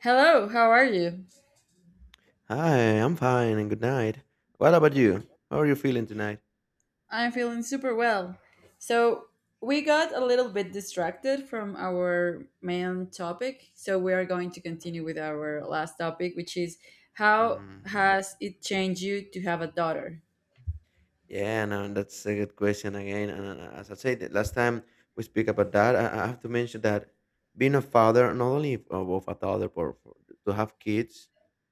Hello, how are you? Hi, I'm fine and good night. What about you? How are you feeling tonight? I'm feeling super well. So, we got a little bit distracted from our main topic, so we are going to continue with our last topic, which is how Mm. has it changed you to have a daughter? Yeah, no, that's a good question again. And as I said, the last time we speak about that, I have to mention that being a father, not only of a toddler, but for, to have kids,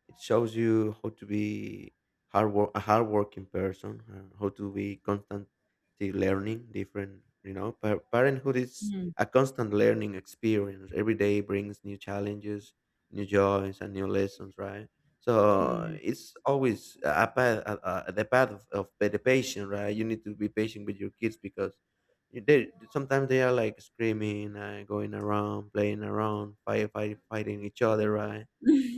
it shows you how to be hard work, a hardworking person, how to be constantly learning different, parenthood is Hmm, a constant learning experience. Every day brings new challenges, new joys, and new lessons, right? hmm, So it's always a path, the path of the patient, right? You need to be patient with your kids because they sometimes they are like screaming and going around, playing around, fighting each other, right?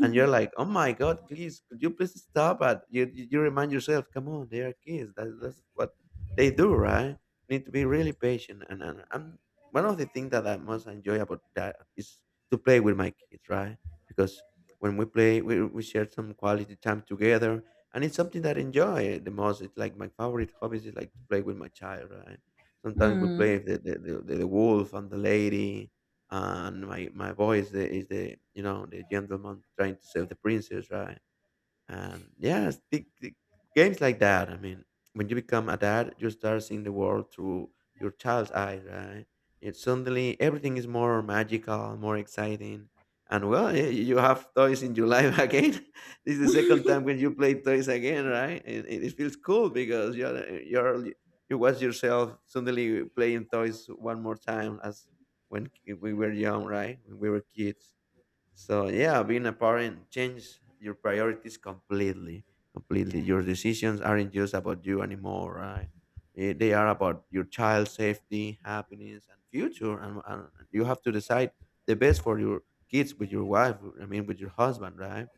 And you're like, oh my god, please, could you please stop it? You remind yourself, come on, they are kids. That's what they do, right? Need to be really patient. And one of the things that I most enjoy about that is to play with my kids, right? Because when we play we share some quality time together, and it's something that I enjoy the most. It's like my favorite hobbies is like to play with my child, right? Sometimes we hmm. play the wolf and the lady, and my boy is the the gentleman trying to save the princess, right? And yeah, the games like that. I mean, when you become a dad, you start seeing the world through your child's eyes, right? It suddenly everything is more magical, more exciting, and well, you have toys in your life again. This is the second time when you play toys again, right? And it feels cool because you're you watch yourself suddenly playing toys one more time as when we were young, right? When we were kids. So yeah, being a parent changes your priorities completely. Completely, your decisions aren't just about you anymore, right? They are about your child's safety, happiness, and future. And you have to decide the best for your kids with your wife. I mean, with your husband, right?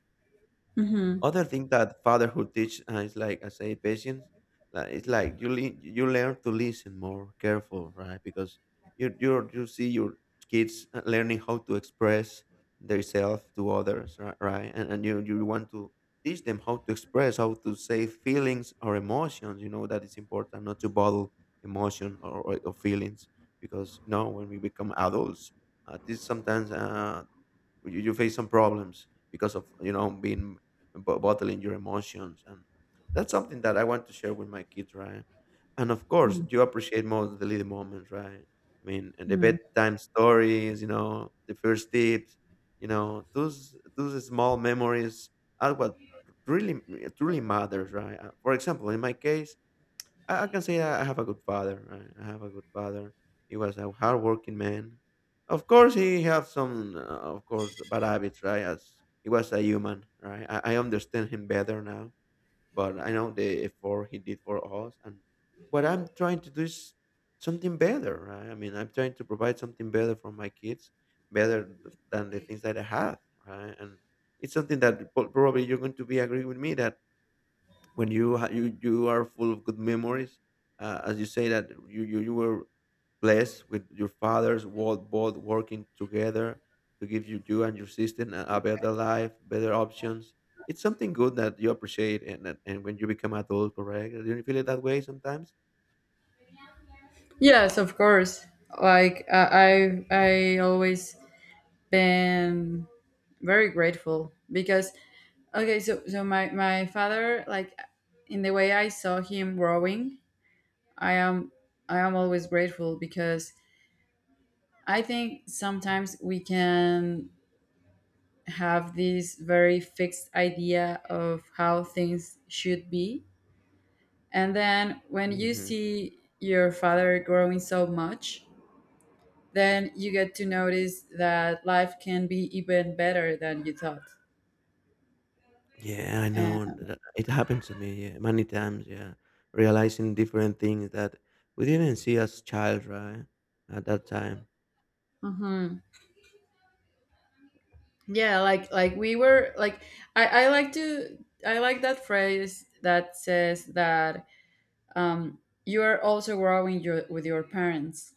Mhm, Other thing that fatherhood teach, is like I say patience. Like it's like you you learn to listen more careful, right? Because you see your kids learning how to express themselves to others, right? And you want to teach them how to express, how to say feelings or emotions. You know that it's important not to bottle emotion, or feelings, because you know when we become adults, this sometimes, you face some problems because of you know being bottling your emotions, and that's something that I want to share with my kids, right? And of course mhm, you appreciate more the little moments, right? I mean, and the mhm. bedtime stories, you know, the first tips, you know, those small memories are what really truly matters, right? For example, in my case, I can say I have a good father. Right? I have a good father. He was a hardworking man. Of course, he had some, of course, bad habits, right? As he was a human, right? I understand him better now, but I know the effort he did for us. And what I'm trying to do is something better, right? I mean, I'm trying to provide something better for my kids, better than the things that I had, right? And it's something that probably you're going to be agree with me that when you you you are full of good memories, as you say that you were blessed with your fathers, both working together to give you and your sister a better life, better options. It's something good that you appreciate, and that- and when you become adult, correct? Do you feel it that way sometimes? Yes, of course. Like I always been very grateful because okay, so so my father, like in the way I saw him growing, I am I am always grateful because I think sometimes we can have this very fixed idea of how things should be. And then when you Hmm. see your father growing so much, then you get to notice that life can be even better than you thought. Yeah, I And, know. And that- it happened to me, yeah, many times. Yeah, realizing different things that we didn't see as child, right? At that time. mhm. Yeah, like we were like I I like to I like that phrase that says that um you are also growing your with your parents.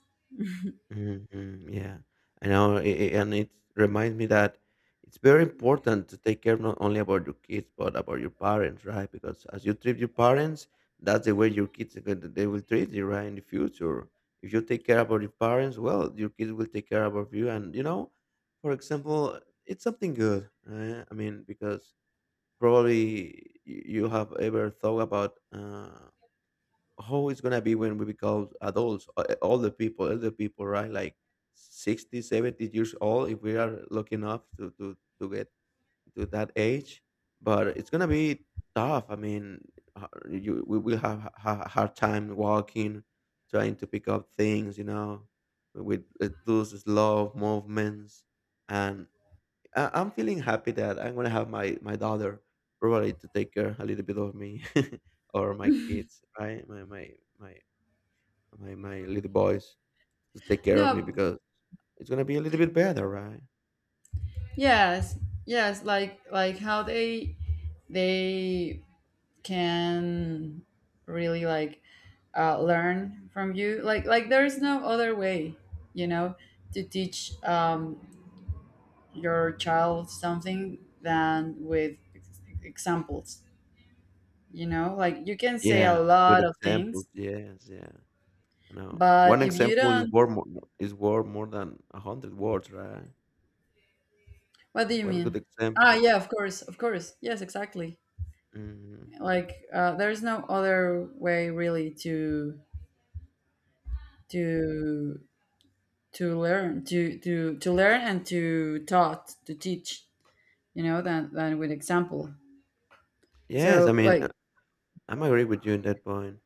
Mhm, yeah. I know, I and it reminds me that it's very important to take care not only about your kids, but about your parents, right? Because as you treat your parents, that's the way your kids are gonna they will treat you, right, in the future. If you take care about your parents, well, your kids will take care about you. And, you know, for example, it's something good. I mean, because probably you have ever thought about, how it's gonna be when we become adults, older people, elder people, right? Like 60, 70 years old, if we are lucky enough to get to that age. But it's gonna be tough. I mean, you we will have a hard time walking, trying to pick up things, you know, with, those slow movements. And I'm feeling happy that I'm gonna have my daughter, probably to take care a little bit of me or my kids, right? My little boys to take care of me, No, because it's gonna be a little bit better, right? yes, yes, like how they can really like learn from you. Like there is no other way, you know, to teach your child something than with examples. You know, like you can say a Yeah, with lot of examples. things, Yes, yeah. I know. but One if you example don't, is worth more than 100 words, right? what do you One good mean? Ah, example. yeah, of course, of course. Yes, exactly. Hmm. Like there's no other way really to to learn and to teach. You know, than with example. Yes, I So mean, I'm agree with you in that point.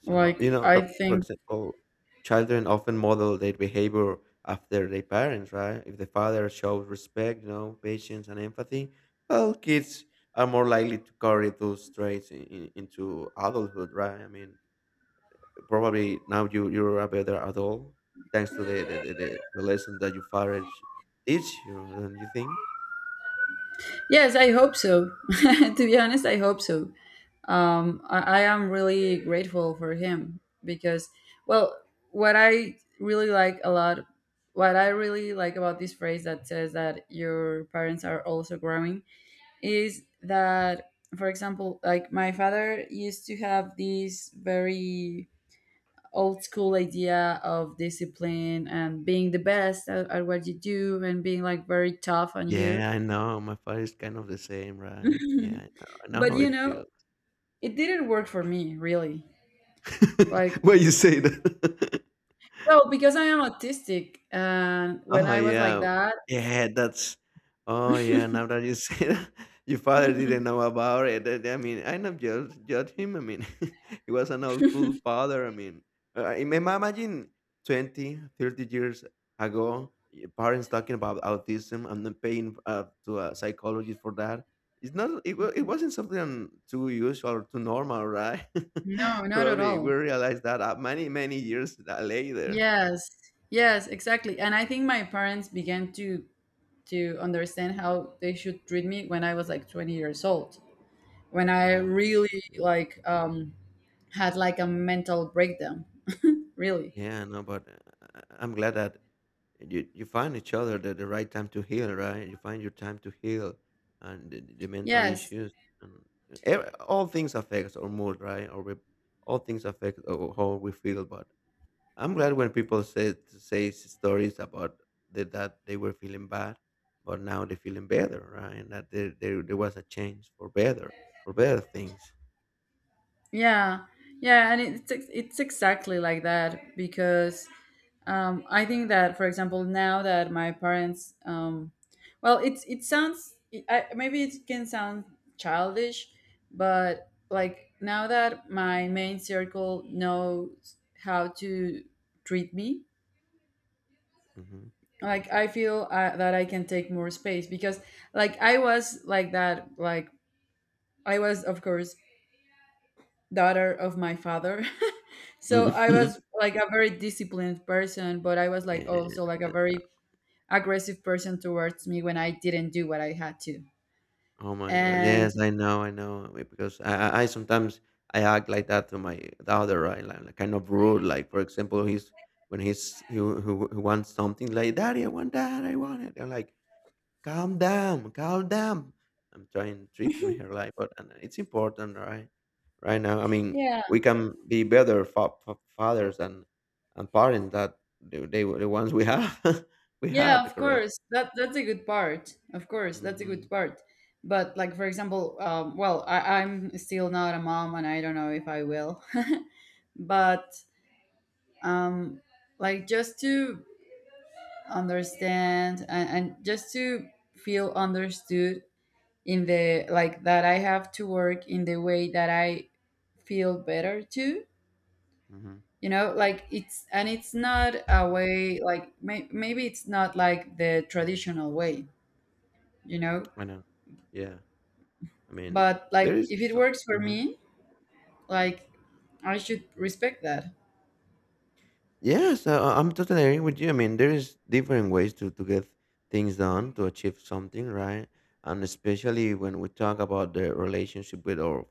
So, like you know, I the for think example, children often model their behavior after their parents, right? If the father shows respect, you know, patience and empathy, well, kids are more likely to carry those traits into adulthood, right? I mean, probably now you you're a better adult thanks to the lesson that your father teach you, don't you think? yes, I hope so. To be honest, I hope so. I am really grateful for him because, well, what I really like a lot, what I really like about this phrase that says that your parents are also growing is that, for example, like my father used to have this very old school idea of discipline and being the best at what you do and being like very tough on you. Yeah, I know. My father is kind of the same, right? Yeah, I know But how you it know, feels. it didn't work for me really. Like Why you say that? well, because I am autistic, and when Oh, I was like yeah. that, Yeah, that's oh, yeah, now that you say that, your father didn't know about it. I mean, I not judge him. I mean, he was an old cool father. I mean, imagine 20, 30 years ago, your parents talking about autism and then paying, to a psychologist for that. It's not, it, it wasn't something too usual or too normal, right? no, not at Probably we all. realized that, many, many years, later. Yes, yes, exactly. And I think my parents began to understand how they should treat me when I was like 20 years old, when I Oh, my. really like had like a mental breakdown. Really, Yeah, no, but, I'm glad that you find each other the right time to heal, right? You find your time to heal and the mental yes. issues, and all things affects our mood, right? Or we, all things affect how we feel. But I'm glad when people say stories about that they were feeling bad, but now they're feeling better, right? And that there was a change for better things. Yeah, yeah, and it's it's exactly like that because I think that, for example, now that my parents, well, it's it sounds maybe it can sound childish, but like now that my main circle knows how to treat me, Hmm. like I feel that I can take more space because, like, I was like that, like I was of course daughter of my father. So I was like a very disciplined person, but I was like also like a Yeah. very aggressive person towards me when I didn't do what I had to. Oh my god. And Yes, I know, I know. I- because I sometimes I act like that to my daughter, right? Like kind of rude. Like for example, he's when he's he, who he wants something like, Daddy, I want that, I want it. I'm like, calm down, calm down. I'm trying to treat him here like, but and it's important, right? Right now, I mean, yeah, we can be better fathers and parents that they were the ones we have we had, yeah, of correct? course. That that's a good part. Of course, that's a good Mm-hmm. part. But like for example, well, I'm still not a mom, and I don't know if I will. But um, like just to understand and just to feel understood in the like that I have to work in the way that I feel better too. Mm-hmm. You know, like it's and it's not a way like maybe it's not like the traditional way, you know, I know. Yeah. I mean, but there like is if it so works for Mhm. me, like I should respect that. Yes, I'm totally agreeing with you. I mean, there is different ways to get things done to achieve something, right? And especially when we talk about the relationship with our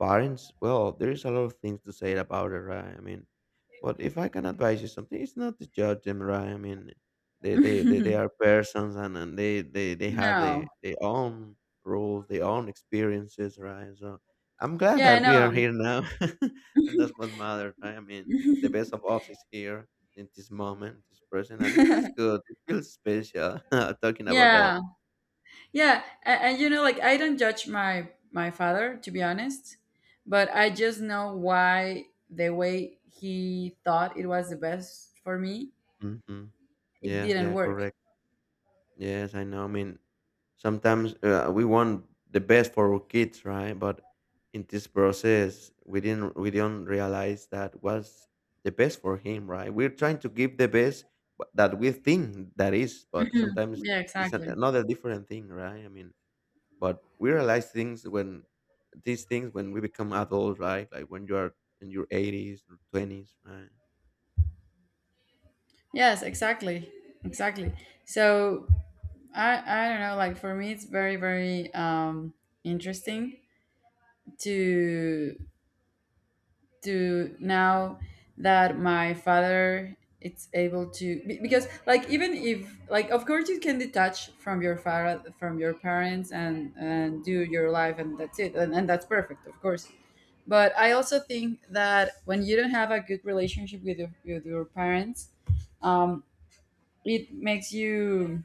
parents, well, there is a lot of things to say about it, right? I mean, but if I can advise you something, it's not to judge them, right? I mean, they are persons, and they have No. their own rules, their own experiences, right? So I'm glad Yeah, that we are no. here now. And that's what matters, right? I mean, the best of us is here in this moment, this present, and it feels good. It feels special talking about that. Yeah. Yeah, and you know, like I don't judge my father to be honest, but I just know why the way he thought it was the best for me, Hmm. it Yeah, didn't yeah, work. correct. Yes, I know. I mean, sometimes, we want the best for our kids, right? But in this process, we do not realize that was the best for him, right? We're trying to give the best that we think that is, but Mhm. sometimes Yeah, it's exactly. another different thing, right? I mean, but we realize things when these things when we become adults, right? Like when you are in your eighties or twenties, right? Yes, exactly, exactly. So I don't know. Like for me, it's very interesting to to now that my father it's able to because like even if like of course you can detach from your father from your parents and do your life and that's it and that's perfect of course, but I also think that when you don't have a good relationship with with your parents, um, it makes you.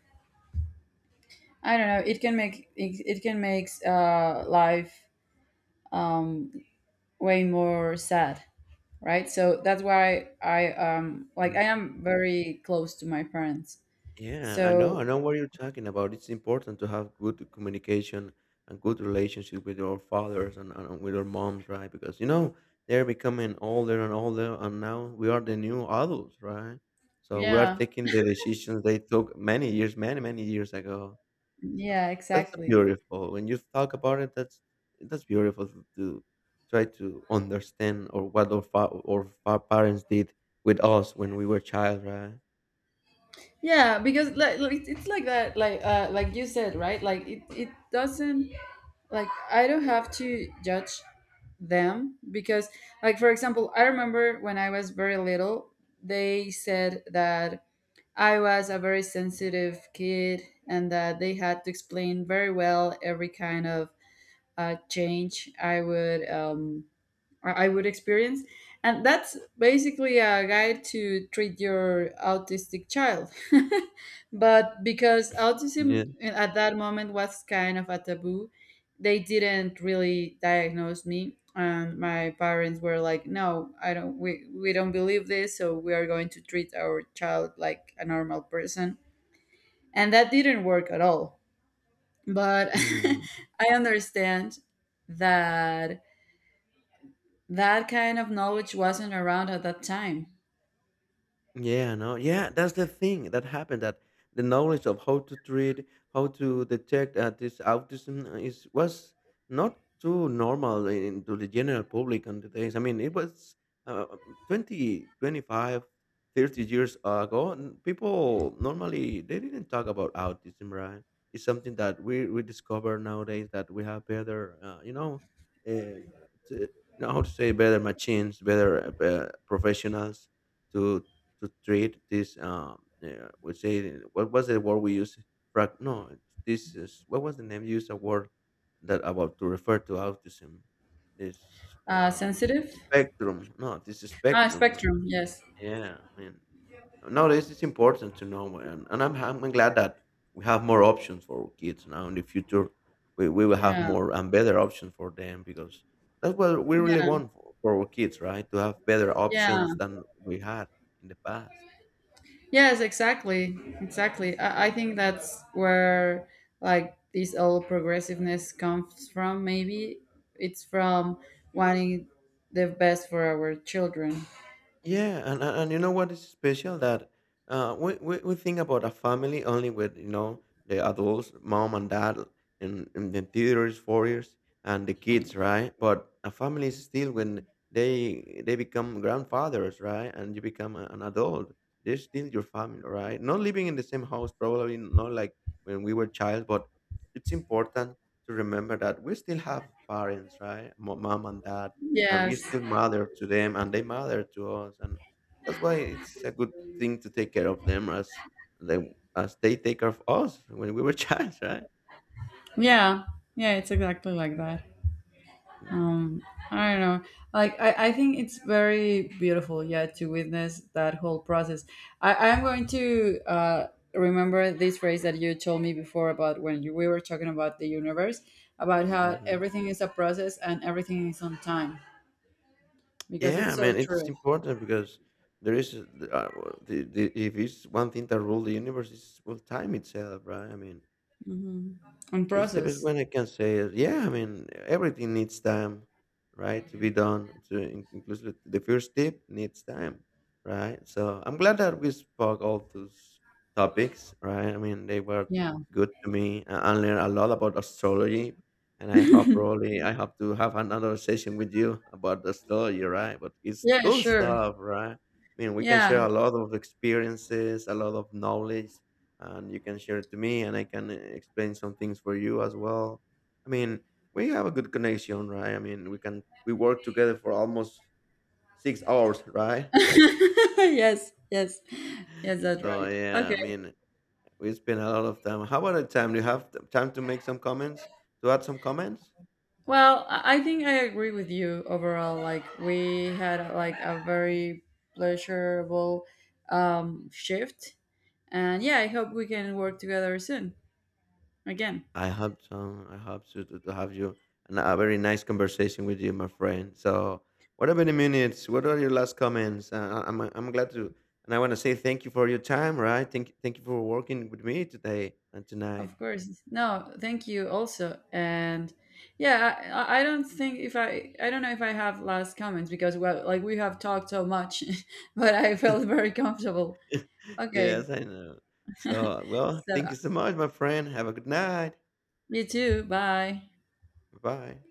I don't know, it can it can make life um, way more sad, right? So that's why I like I am very close to my parents. Yeah, So I know what you're talking about. It's important to have good communication and good relationship with your fathers and with your moms, right? Because you know they're becoming older and older, and now we are the new adults, right? So we are yeah, taking the decisions they took many years, many years ago. So yeah that's exactly. beautiful. When you talk about it, that's beautiful to try to understand or what parents did with us when we were child, right? Yeah, because like, it's like that like you said, right? Like it doesn't, like I don't have to judge them because like for example I remember when I was very little they said that I was a very sensitive kid and that they had to explain very well every kind of change I would I would experience, and that's basically a guide to treat your autistic child. But because autism at that moment was kind of a taboo, they didn't really diagnose me, and my parents were like, "No, I don't. We don't believe this, so we are going to treat our child like a normal person." And that didn't work at all. But Yeah. I understand that that kind of knowledge wasn't around at that time. Yeah, no, yeah, that's the thing that happened. That the knowledge of how to treat, how to detect this autism is was not too normal in, to the general public on the days. I mean, it was uh, 20, 25, 30 years ago. And people normally they didn't talk about autism, right? It's something that we discover nowadays that we have better, uh, you know how to say better machines, better professionals to to treat this we say what was the word we use? Frag- no This is what was the name you used, a word that about to refer to autism, this uh Sensitive? spectrum. No, this Ah, spectrum. spectrum, yes. Yeah, I mean, no, this is important to know, and I'm glad that we have more options for our kids. Now in the future we will have Yeah, more and better options for them, because that's what we really yeah, want for our kids, right? To have better yeah. options than we had in the past. Yes, exactly, exactly. I think that's where like this old progressiveness comes from. Maybe it's from wanting the best for our children. Yeah, and you know what is special, that we think about a family only with, you know, the adults, mom and dad, and the teenagers, 4 years, and the kids, right? But a family is still when they become grandfathers, right? And you become an adult, they're still your family, right? Not living in the same house, probably not like when we were child, but it's important to remember that we still have parents, right? Mom and dad, and we Yes. still matter to them and they matter to us, and that's why it's a good thing to take care of them as they take care of us when we were child, right? Yeah. Yeah, it's exactly like that. Um, Mm-hmm. I don't know. Like, I think it's very beautiful, yeah, to witness that whole process. I'm going to remember this phrase that you told me before about when we were talking about the universe, about how Mm-hmm. everything is a process and everything is on time, because it's Yeah, so man, it's true. important because there is if it's one thing that rules the universe is, well, time itself, right? I mean, Hmm. On it's the best process. one I can say. Is, yeah, I mean, everything needs time, right, to be done. To inclusive, the first tip needs time, right? So I'm glad that we spoke all those topics, right? I mean, they were Yeah. good to me. I learned a lot about astrology, and I hope, probably I hope to have another session with you about astrology, right? But it's Yeah, cool sure. stuff, right? I mean, we can share Yeah. a lot of experiences, a lot of knowledge, and you can share it to me and I can explain some things for you as well. I mean, we have a good connection, right? I mean, we work together for almost 6 hours, right? Yes, yes. Yes, that's So right. yeah, Okay. I mean, we spend a lot of time. How about the time? Do you have time to make some comments? To add some comments? Well, I think I agree with you overall. Like we had like a very pleasurable shift, and yeah, I hope we can work together soon again. I hope so. I hope so, to have you and a very nice conversation with you, my friend. So, what are many minutes? What are your last comments? I'm glad to, and I want to say thank you for your time. Right? Thank you for working with me today and tonight. Of course. No, thank you also. And yeah, I don't know if I have last comments because well, like we have talked so much, but I felt very comfortable. Okay. Yes, I know. So, well, So thank you so much, my friend. Have a good night. you too. Bye. Bye.